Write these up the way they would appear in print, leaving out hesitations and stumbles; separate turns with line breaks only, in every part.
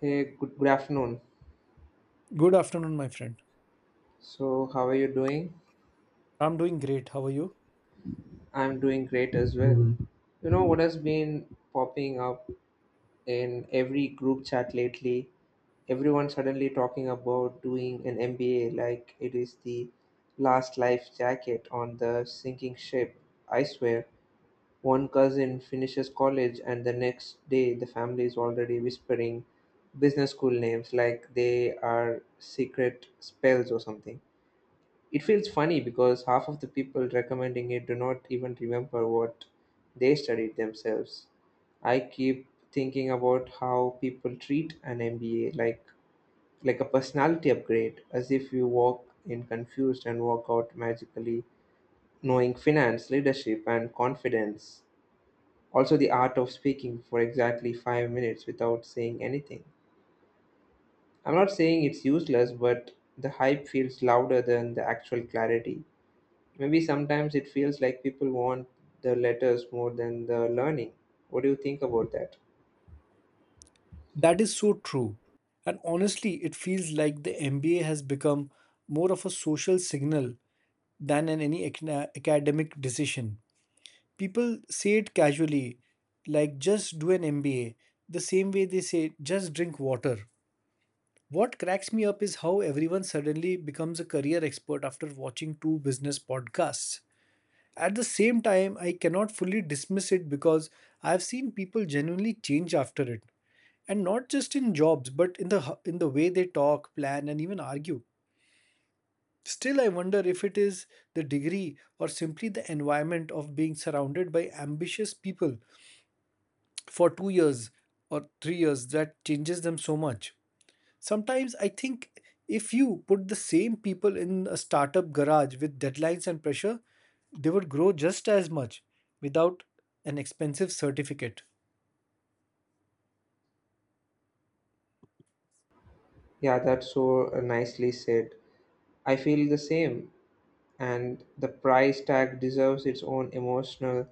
Hey, good afternoon.
Good afternoon, my friend.
So, how are you doing?
I'm doing great. How are you?
I'm doing great as well. Mhm. You know what has been popping up in every group chat lately? Everyone suddenly talking about doing an MBA like it is the last life jacket on the sinking ship. I swear, one cousin finishes college, and the next day the family is already whispering business school names like they are secret spells or something. It feels funny because half of the people recommending it do not even remember what they studied themselves. I keep thinking about how people treat an MBA like a personality upgrade, as if you walk in confused and walk out magically knowing finance, leadership, and confidence. Also, the art of speaking for exactly 5 minutes without saying anything. I'm not saying it's useless, but the hype feels louder than the actual clarity. Maybe sometimes it feels like people want the letters more than the learning. What do you think about that?
That is so true. And honestly, it feels like the MBA has become more of a social signal than an academic decision. People say it casually, like just do an MBA, the same way they say just drink water. What cracks me up is how everyone suddenly becomes a career expert after watching two business podcasts. At the same time, I cannot fully dismiss it because I've seen people genuinely change after it. And not just in jobs, but in the way they talk, plan, and even argue. Still, I wonder if it is the degree or simply the environment of being surrounded by ambitious people for 2 years or 3 years that changes them so much. Sometimes I think if you put the same people in a startup garage with deadlines and pressure, they would grow just as much without an expensive certificate.
Yeah, that's so nicely said. I feel the same. And the price tag deserves its own emotional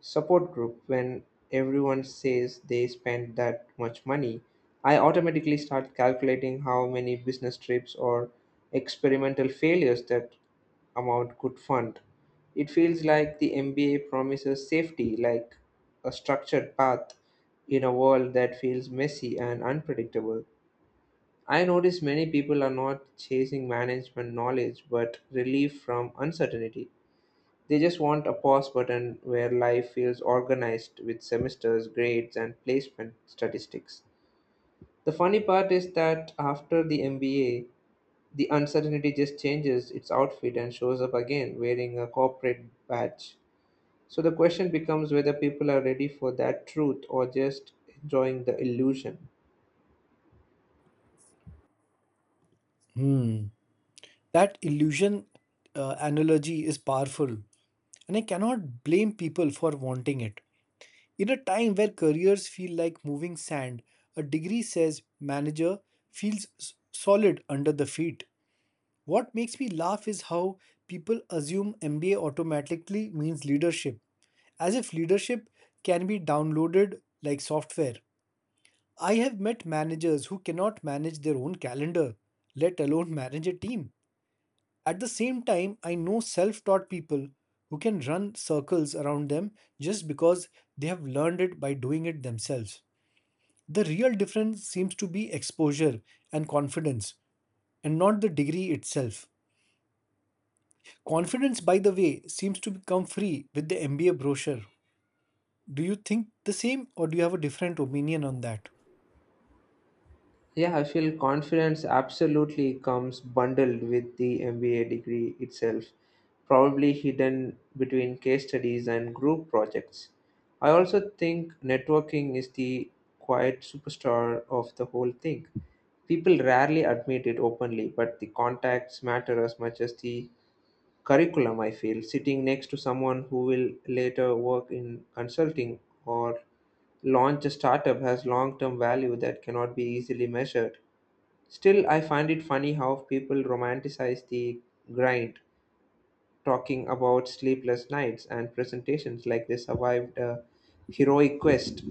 support group. When everyone says they spent that much money, I automatically start calculating how many business trips or experimental failures that amount could fund. It feels like the MBA promises safety, like a structured path in a world that feels messy and unpredictable. I notice many people are not chasing management knowledge but relief from uncertainty. They just want a pause button where life feels organized with semesters, grades, and placement statistics. The funny part is that after the MBA, the uncertainty just changes its outfit and shows up again wearing a corporate badge. So the question becomes whether people are ready for that truth or just enjoying the illusion.
Hmm. That illusion analogy is powerful, and I cannot blame people for wanting it. In a time where careers feel like moving sand, a degree says manager feels solid under the feet. What makes me laugh is how people assume MBA automatically means leadership, as if leadership can be downloaded like software. I have met managers who cannot manage their own calendar, let alone manage a team. At the same time, I know self taught people who can run circles around them just because they have learned it by doing it themselves. The real difference seems to be exposure and confidence, and not the degree itself. Confidence, by the way, seems to become free with the MBA brochure. Do you think the same, or do you have a different opinion on that?
Yeah, I feel confidence absolutely comes bundled with the MBA degree itself, probably hidden between case studies and group projects. I also think networking is the quiet superstar of the whole thing. People rarely admit it openly, but the contacts matter as much as the curriculum, I feel. Sitting next to someone who will later work in consulting or launch a startup has long term value that cannot be easily measured. Still, I find it funny how people romanticize the grind, talking about sleepless nights and presentations like they survived a heroic quest.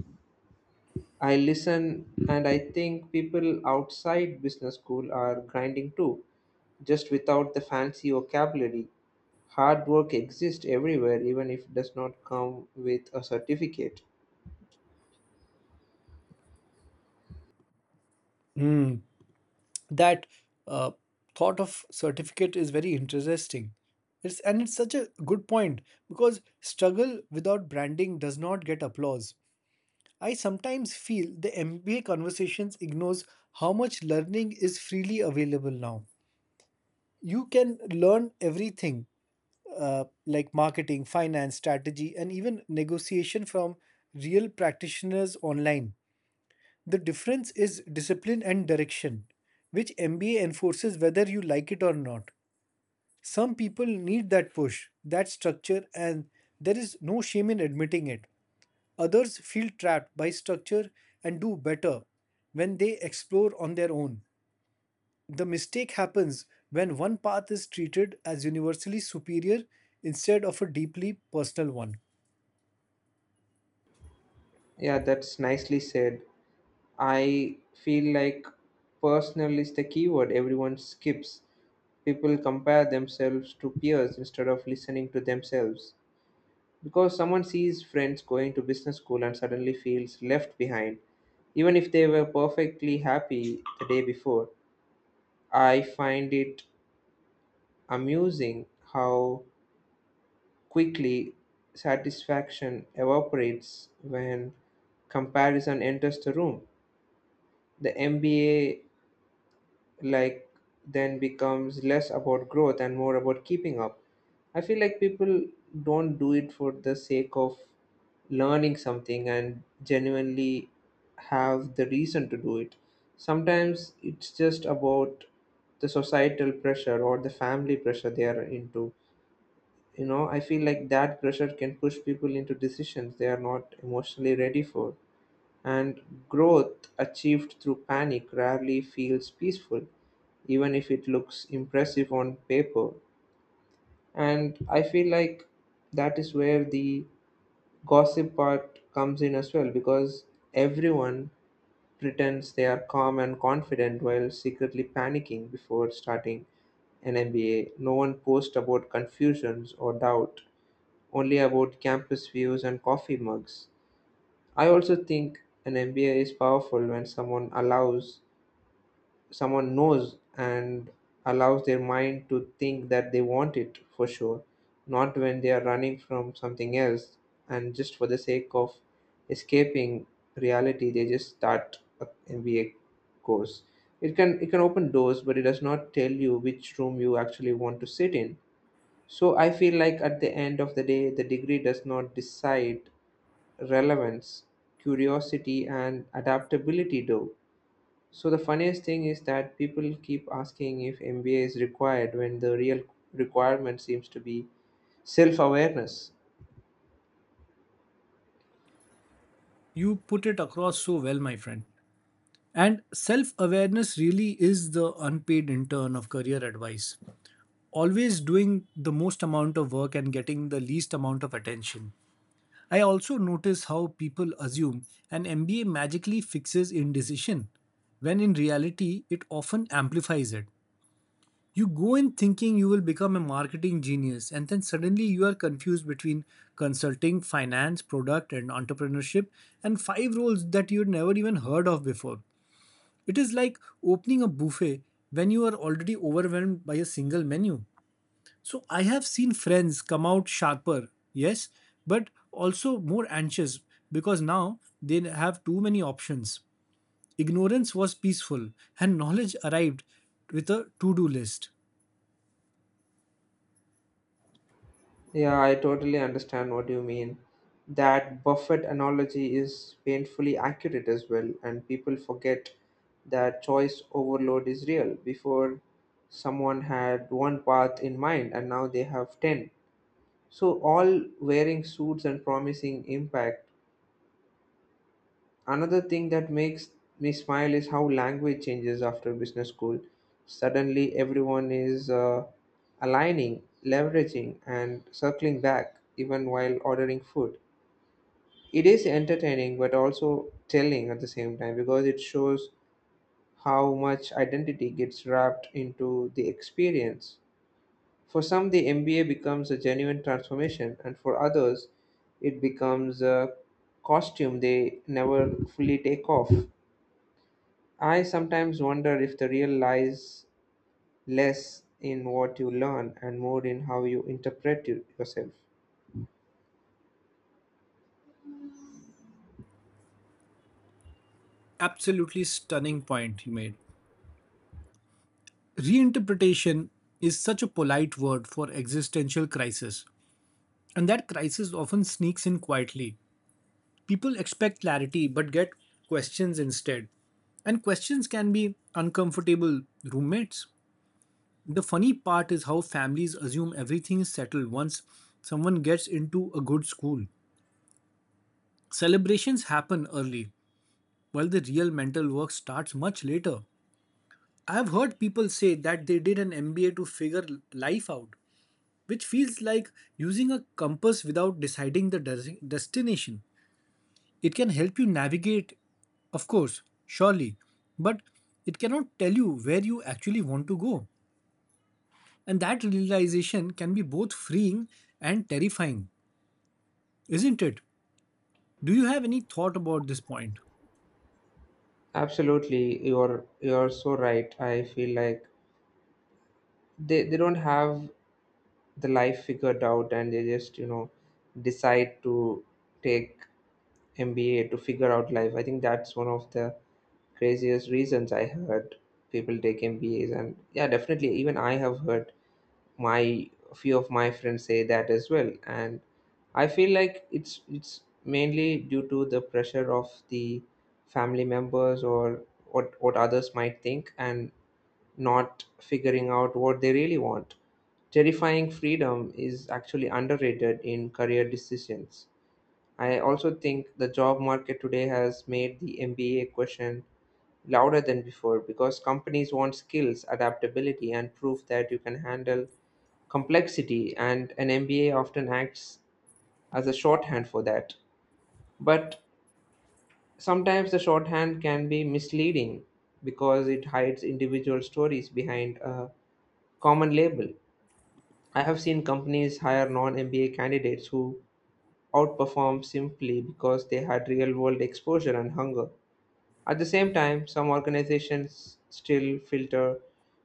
I listen and I think people outside business school are grinding too, just without the fancy vocabulary. Hard work exists everywhere, even if it does not come with a certificate.
Hmm. That uh, thought of certificate is very interesting. It's such a good point because struggle without branding does not get applause. I sometimes feel the MBA conversations ignores how much learning is freely available now. You can learn everything like marketing, finance, strategy, and even negotiation from real practitioners online. The difference is discipline and direction, which MBA enforces whether you like it or not. Some people need that push, that structure, and there is no shame in admitting it. Others feel trapped by structure and do better when they explore on their own. The mistake happens when one path is treated as universally superior instead of a deeply personal one.
Yeah, that's nicely said. I feel like personal is the keyword everyone skips. People compare themselves to peers instead of listening to themselves. Because someone sees friends going to business school and suddenly feels left behind, even if they were perfectly happy the day before. I find it amusing how quickly satisfaction evaporates when comparison enters the room. The MBA like then becomes less about growth and more about keeping up. I feel like people don't do it for the sake of learning something and genuinely have the reason to do it. Sometimes it's just about the societal pressure or the family pressure they are into. You know, I feel like that pressure can push people into decisions they are not emotionally ready for. And growth achieved through panic rarely feels peaceful, even if it looks impressive on paper. And I feel like that is where the gossip part comes in as well, because everyone pretends they are calm and confident while secretly panicking before starting an MBA. No one posts about confusions or doubt, only about campus views and coffee mugs. I also think an MBA is powerful when someone allows, someone knows and allows their mind to think that they want it for sure, not when they are running from something else and just for the sake of escaping reality they just start a MBA course. It can open doors, but it does not tell you which room you actually want to sit in. So I feel like at the end of the day the degree does not decide relevance, curiosity, and adaptability do. So the funniest thing is that people keep asking if MBA is required when the real requirement seems to be self awareness.
You put it across so well, my friend. And self awareness really is the unpaid intern of career advice. Always doing the most amount of work and getting the least amount of attention. I also notice how people assume an MBA magically fixes indecision, when in reality, it often amplifies it. You go in thinking you will become a marketing genius, and then suddenly you are confused between consulting, finance, product, and entrepreneurship, and five roles that you'd never even heard of before. It is like opening a buffet when you are already overwhelmed by a single menu. So, I have seen friends come out sharper, yes, but also more anxious because now they have too many options. Ignorance was peaceful, and knowledge arrived with a to do list.
Yeah, I totally understand what you mean. That Buffett analogy is painfully accurate as well, and people forget that choice overload is real. Before, someone had one path in mind, and now they have 10. So, all wearing suits and promising impact. Another thing that makes me smile is how language changes after business school. Suddenly, everyone is aligning, leveraging, and circling back, even while ordering food. It is entertaining but also telling at the same time because it shows how much identity gets wrapped into the experience. For some, the MBA becomes a genuine transformation, and for others, it becomes a costume they never fully take off. I sometimes wonder if the real lies less in what you learn and more in how you interpret yourself.
Absolutely stunning point you made. Reinterpretation is such a polite word for existential crisis, and that crisis often sneaks in quietly. People expect clarity but get questions instead. And questions can be uncomfortable roommates. The funny part is how families assume everything is settled once someone gets into a good school. Celebrations happen early, while the real mental work starts much later. I've heard people say that they did an MBA to figure life out, which feels like using a compass without deciding the destination. It can help you navigate, of course, surely, but it cannot tell you where you actually want to go. And that realization can be both freeing and terrifying, isn't it? Do you have any thought about this point?
Absolutely, you're so right. I feel like they don't have the life figured out and they just, you know, decide to take MBA to figure out life. I think that's one of the craziest reasons I heard people take MBAs. And yeah, definitely, even I have heard my few of my friends say that as well. And I feel like it's mainly due to the pressure of the family members or what others might think and not figuring out what they really want. Terrifying freedom is actually underrated in career decisions. I also think the job market today has made the MBA question louder than before because companies want skills, adaptability, and proof that you can handle complexity, and an MBA often acts as a shorthand for that. But sometimes the shorthand can be misleading because it hides individual stories behind a common label. I have seen companies hire non MBA candidates who outperform simply because they had real world exposure and hunger. At the same time, some organizations still filter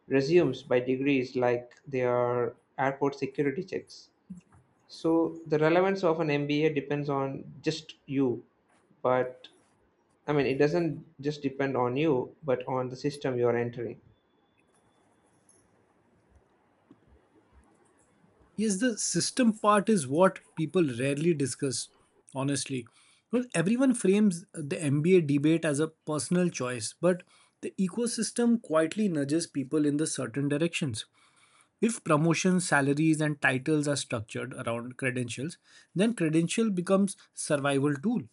resumes by degrees like their airport security checks. So the relevance of an MBA depends on just you, but I mean, it doesn't just depend on you, but on the system you're entering.
Yes, the system part is what people rarely discuss, honestly. Well, everyone frames the MBA debate as a personal choice, but the ecosystem quietly nudges people in the certain directions. If promotions, salaries, and titles are structured around credentials, then credential becomes survival tool.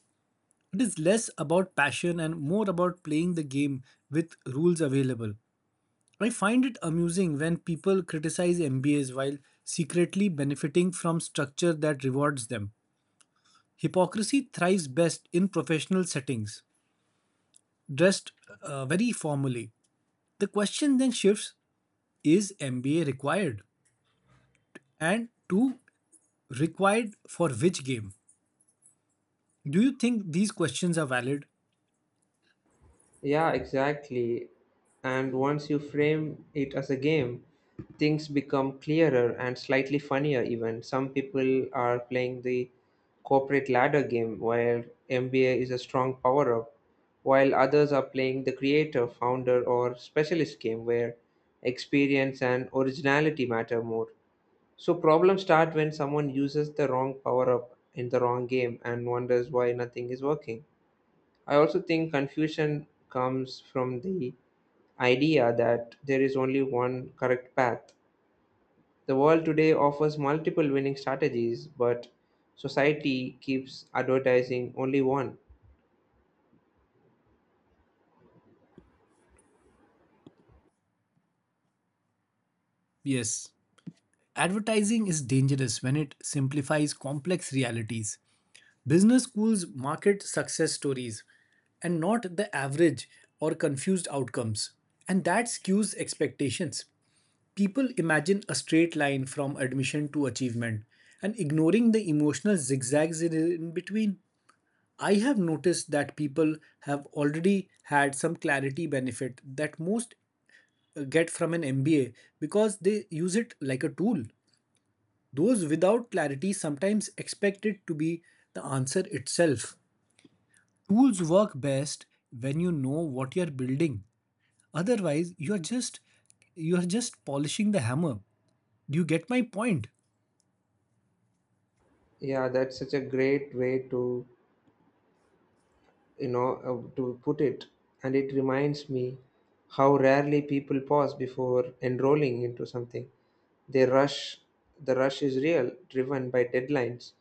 It is less about passion and more about playing the game with rules available. I find it amusing when people criticize MBAs while secretly benefiting from structure that rewards them. Hypocrisy thrives best in professional settings, dressed very formally. The question then shifts is MBA required? And two, required for which game? Do you think these questions are valid?
Yeah, exactly. And once you frame it as a game, things become clearer and slightly funnier, even. Some people are playing the corporate ladder game where MBA is a strong power up, while others are playing the creator, founder, or specialist game where experience and originality matter more. So, problems start when someone uses the wrong power up in the wrong game and wonders why nothing is working. I also think confusion comes from the idea that there is only one correct path. The world today offers multiple winning strategies, but society keeps advertising only one.
Yes. Advertising is dangerous when it simplifies complex realities. Business schools market success stories and not the average or confused outcomes, and that skews expectations. People imagine a straight line from admission to achievement and ignoring the emotional zigzags in between. I have noticed that people have already had some clarity benefit that most get from an MBA because they use it like a tool. Those without clarity sometimes expect it to be the answer itself tools work best when you know what you're building otherwise you're just polishing the hammer. Do you get my point?
Yeah, that's such a great way to, you know, to put it. And it reminds me how rarely people pause before enrolling into something. They rush, the rush is real, driven by deadlines,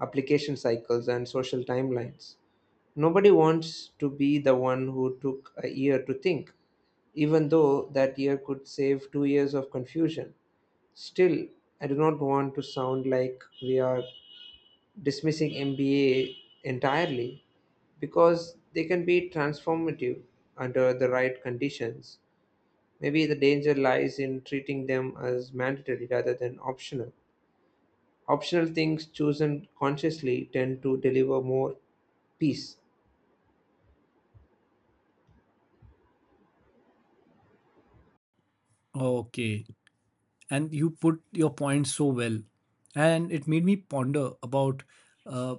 application cycles, and social timelines. Nobody wants to be the one who took a year to think, even though that year could save 2 years of confusion. Still, I do not want to sound like we are dismissing MBA entirely because they can be transformative under the right conditions. Maybe the danger lies in treating them as mandatory rather than optional. Optional things chosen consciously tend to deliver more peace.
Okay, and you put your point so well, and it made me ponder about uh,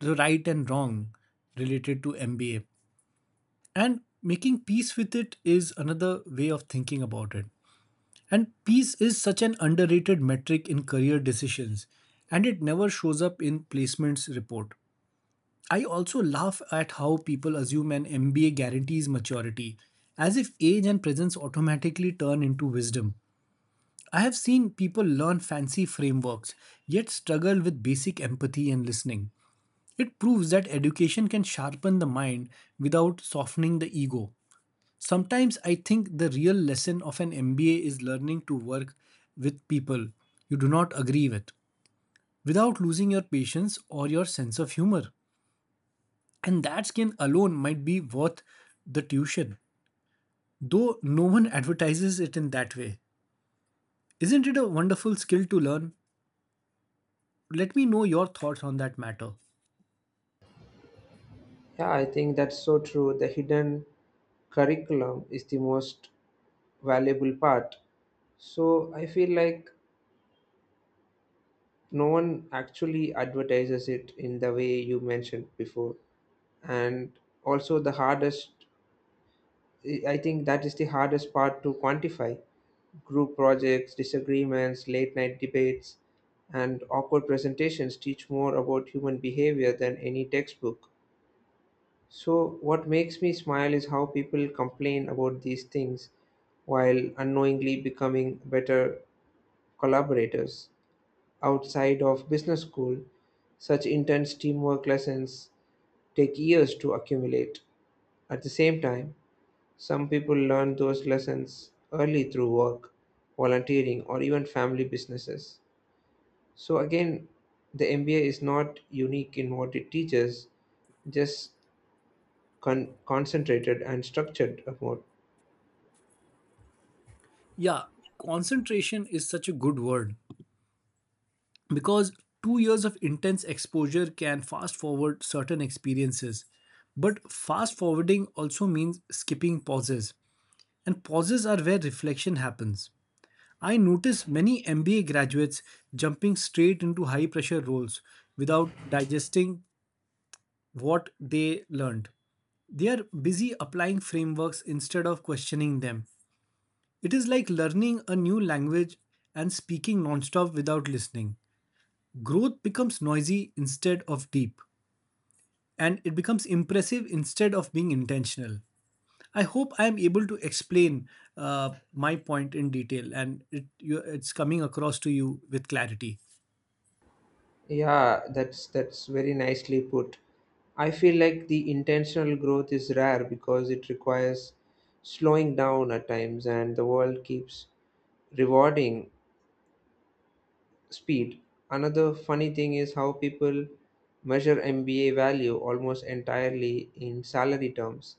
the right and wrong related to MBA, and making peace with it is another way of thinking about it. And peace is such an underrated metric in career decisions, and it never shows up in placements report. I also laugh at how people assume an MBA guarantees maturity, as if age and presence automatically turn into wisdom. I have seen people learn fancy frameworks, yet struggle with basic empathy and listening. It proves that education can sharpen the mind without softening the ego. Sometimes I think the real lesson of an MBA is learning to work with people you do not agree with without losing your patience or your sense of humor. And that skin alone might be worth the tuition, though no one advertises it in that way. Isn't it a wonderful skill to learn? Let me know your thoughts on that matter.
Yeah, I think that's so true. The hidden curriculum is the most valuable part. So I feel like no one actually advertises it in the way you mentioned before. And also, the hardest, I think that is the hardest part to quantify group projects, disagreements, late night debates, and awkward presentations teach more about human behavior than any textbook. So, what makes me smile is how people complain about these things while unknowingly becoming better collaborators. Outside of business school, such intense teamwork lessons take years to accumulate. At the same time, some people learn those lessons early through work, volunteering, or even family businesses. So, again, the MBA is not unique in what it teaches, just concentrated and structured more.
Yeah, concentration is such a good word because 2 years of intense exposure can fast forward certain experiences. But fast forwarding also means skipping pauses, and pauses are where reflection happens. I notice many MBA graduates jumping straight into high pressure roles without digesting what they learned. They are busy applying frameworks instead of questioning them. It is like learning a new language and speaking nonstop without listening. Growth becomes noisy instead of deep, and it becomes impressive instead of being intentional. I hope I am able to explain my point in detail and it's coming across to you with clarity.
Yeah, that's very nicely put. I feel like the intentional growth is rare because it requires slowing down at times and the world keeps rewarding speed. Another funny thing is how people measure MBA value almost entirely in salary terms.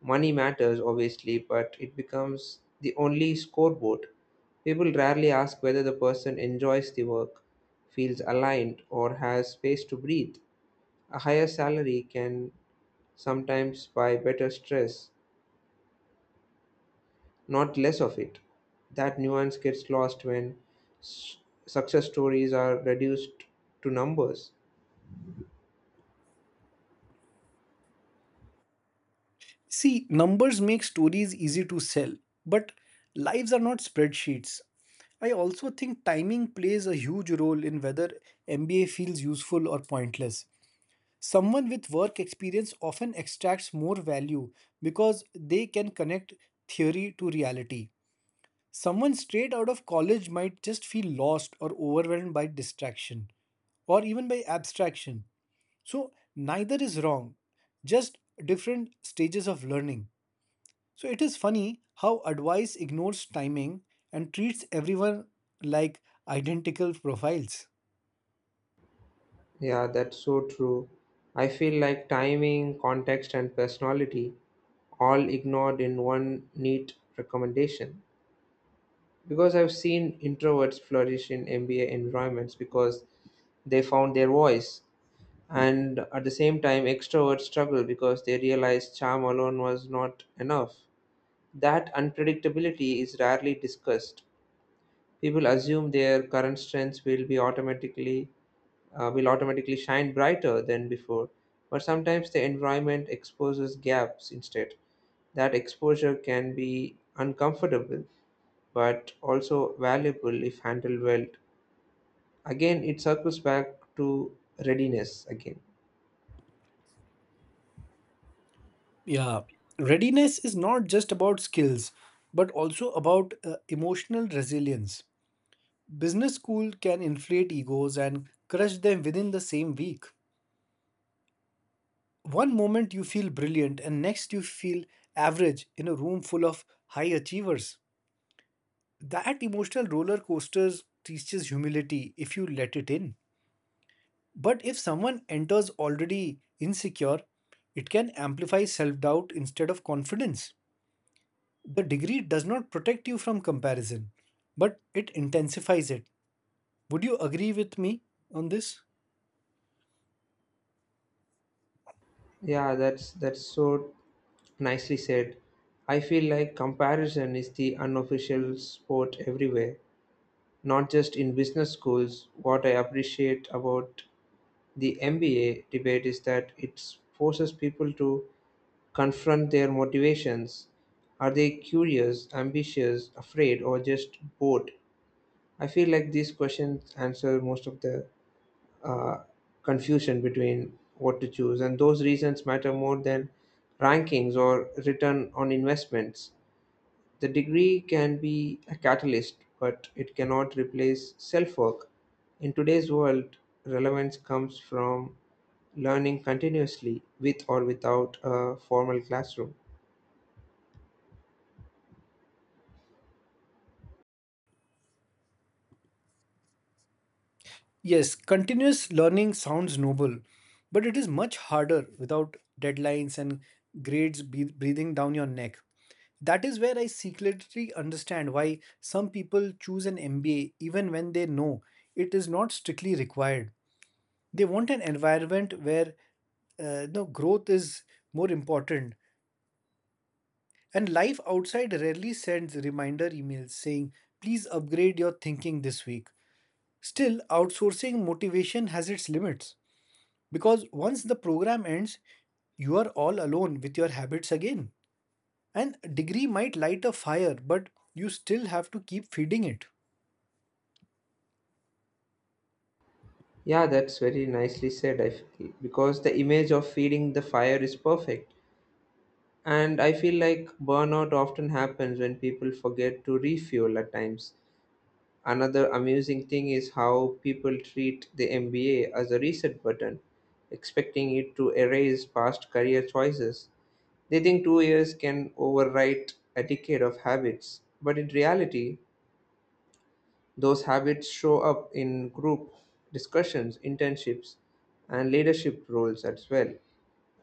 Money matters obviously, but it becomes the only scoreboard. People rarely ask whether the person enjoys the work, feels aligned, or has space to breathe. A higher salary can sometimes buy better stress, not less of it. That nuance gets lost when s- success stories are reduced to numbers.
See, numbers make stories easy to sell, but lives are not spreadsheets. I also think timing plays a huge role in whether MBA feels useful or pointless. Someone with work experience often extracts more value because they can connect theory to reality. Someone straight out of college might just feel lost or overwhelmed by distraction or even by abstraction. So, neither is wrong, just different stages of learning. So it is funny how advice ignores timing and treats everyone like identical profiles.
Yeah, that's so true. I feel like timing, context, and personality all ignored in one neat recommendation. Because I've seen introverts flourish in MBA environments because they found their voice, and at the same time, extroverts struggle because they realize charm alone was not enough. That unpredictability is rarely discussed. People assume their current strengths will be automatically will automatically shine brighter than before, but sometimes the environment exposes gaps instead. That exposure can be uncomfortable but also valuable if handled well. Again, it circles back to readiness again.
Yeah, readiness is not just about skills, but also about emotional resilience. Business school can inflate egos and crush them within the same week. One moment you feel brilliant, and next you feel average in a room full of high achievers. That emotional roller coaster teaches humility if you let it in. But if someone enters already insecure, it can amplify self doubt instead of confidence. The degree does not protect you from comparison, but it intensifies it. Would you agree with me on this?
Yeah, that's so nicely said. I feel like comparison is the unofficial sport everywhere, not just in business schools. What I appreciate about the MBA debate is that it forces people to confront their motivations. Are they curious, ambitious, afraid, or just bored? I feel like these questions answer most of the uh, confusion between what to choose, and those reasons matter more than rankings or return on investments. The degree can be a catalyst, but it cannot replace self work. In today's world, relevance comes from learning continuously with or without a formal classroom.
Yes, continuous learning sounds noble, but it is much harder without deadlines and grades breathing down your neck. That is where I secretly understand why some people choose an MBA even when they know it is not strictly required. They want an environment where no growth is more important. And life outside rarely sends reminder emails saying, please upgrade your thinking this week. Still, outsourcing motivation has its limits because once the program ends, you are all alone with your habits again. And a degree might light a fire, but you still have to keep feeding it.
Yeah, that's very nicely said, I feel, because the image of feeding the fire is perfect. And I feel like burnout often happens when people forget to refuel at times. Another amusing thing is how people treat the MBA as a reset button, expecting it to erase past career choices. They think 2 years can overwrite a decade of habits, but in reality, those habits show up in group discussions, internships, and leadership roles as well.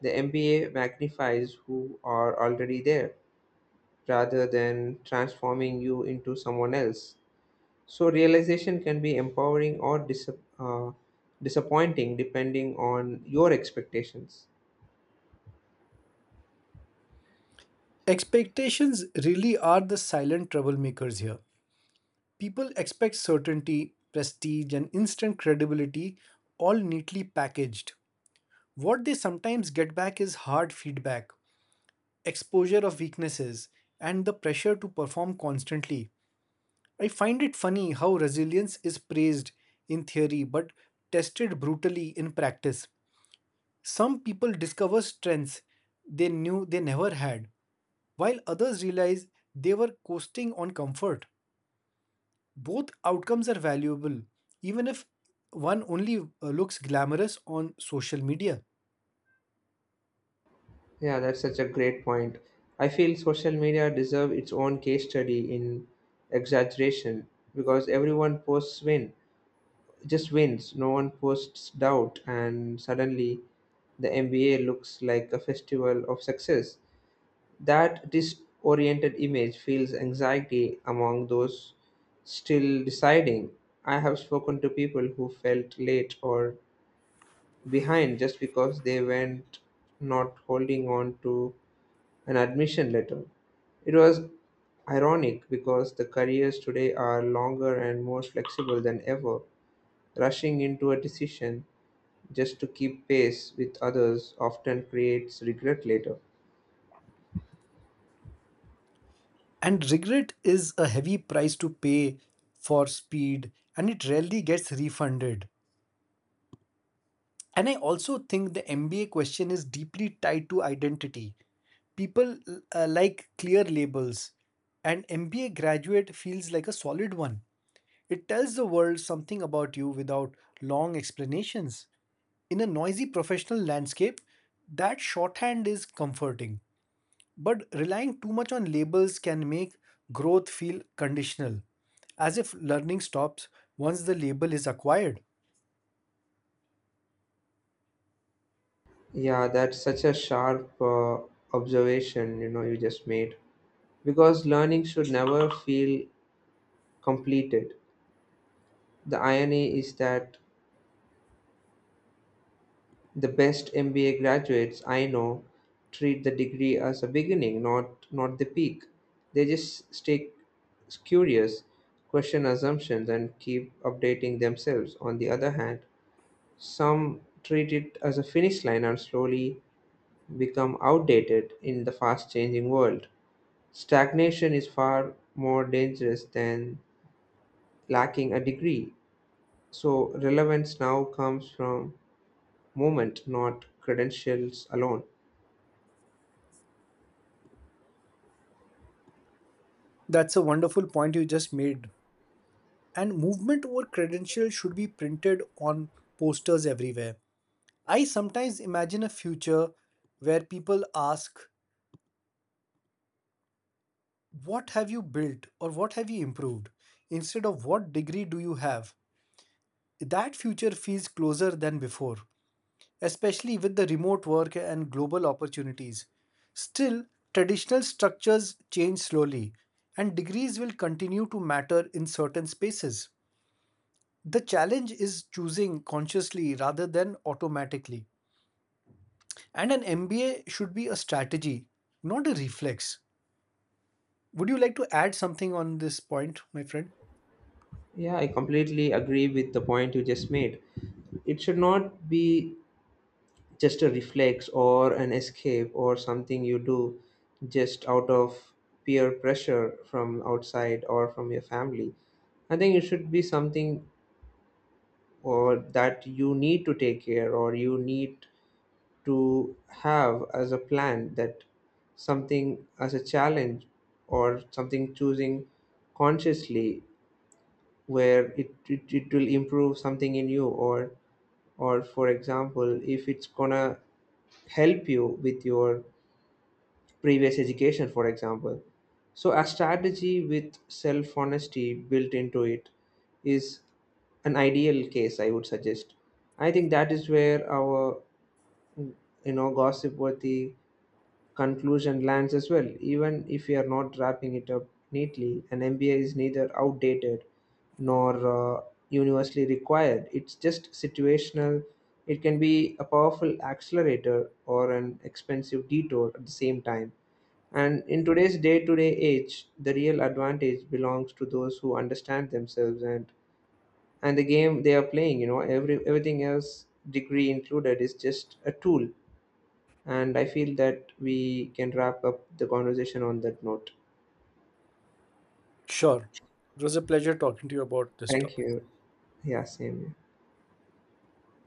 The MBA magnifies who are already there rather than transforming you into someone else. So realization can be empowering or uh, disappointing depending on your expectations.
Expectations really are the silent troublemakers here. People expect certainty, prestige, and instant credibility all neatly packaged. What they sometimes get back is hard feedback, exposure of weaknesses, and the pressure to perform constantly. I find it funny how resilience is praised in theory but tested brutally in practice. Some people discover strengths they knew they never had, while others realize they were coasting on comfort. Both outcomes are valuable, even if one only looks glamorous on social media.
Yeah, that's such a great point. I feel social media deserve its own case study in exaggeration because everyone just wins. No one posts doubt, and suddenly the MBA looks like a festival of success. That disoriented image feels anxiety among those still deciding. I have spoken to people who felt late or behind just because they went not holding on to an admission letter. It was ironic because the careers today are longer and more flexible than ever. Rushing into a decision just to keep pace with others often creates regret later.
And regret is a heavy price to pay for speed, and it rarely gets refunded. And I also think the MBA question is deeply tied to identity. People like clear labels, and MBA graduate feels like a solid one. It tells the world something about you without long explanations. In a noisy professional landscape, that shorthand is comforting. But relying too much on labels can make growth feel conditional, as if learning stops once the label is acquired.
Yeah, that's such a sharp observation, you know, you just made. Because learning should never feel completed. The irony is that the best MBA graduates I know treat the degree as a beginning, not the peak. They just stay curious, question assumptions, and keep updating themselves. On the other hand, some treat it as a finish line and slowly become outdated in the fast changing world. Stagnation is far more dangerous than lacking a degree. So, relevance now comes from moment, not credentials alone.
That's a wonderful point you just made. And movement over credentials should be printed on posters everywhere. I sometimes imagine a future where people ask, what have you built or what have you improved instead of what degree do you have? That future feels closer than before, especially with the remote work and global opportunities. Still, traditional structures change slowly, and degrees will continue to matter in certain spaces. The challenge is choosing consciously rather than automatically, and an MBA should be a strategy, not a reflex. Would you like to add something on this point, my friend?
Yeah, I completely agree with the point you just made. It should not be just a reflex or an escape or something you do just out of peer pressure from outside or from your family. I think it should be something or that you need to take care or you need to have as a plan that something as a challenge or something choosing consciously where it will improve something in you or for example if it's gonna help you with your previous education for example so a strategy with self honesty built into it is an ideal case I would suggest. I think that is where our, you know, gossip worthy conclusion lands as well. Even if we are not wrapping it up neatly, an MBA is neither outdated nor universally required. It's just situational. It can be a powerful accelerator or an expensive detour at the same time. And in today's day to day age, the real advantage belongs to those who understand themselves and the game they are playing. You know, everything else, degree included, is just a tool, and I feel that we can wrap up the conversation on that note.
Sure. It was a pleasure talking to you about this
Thank
topic.
you. Yeah, same here.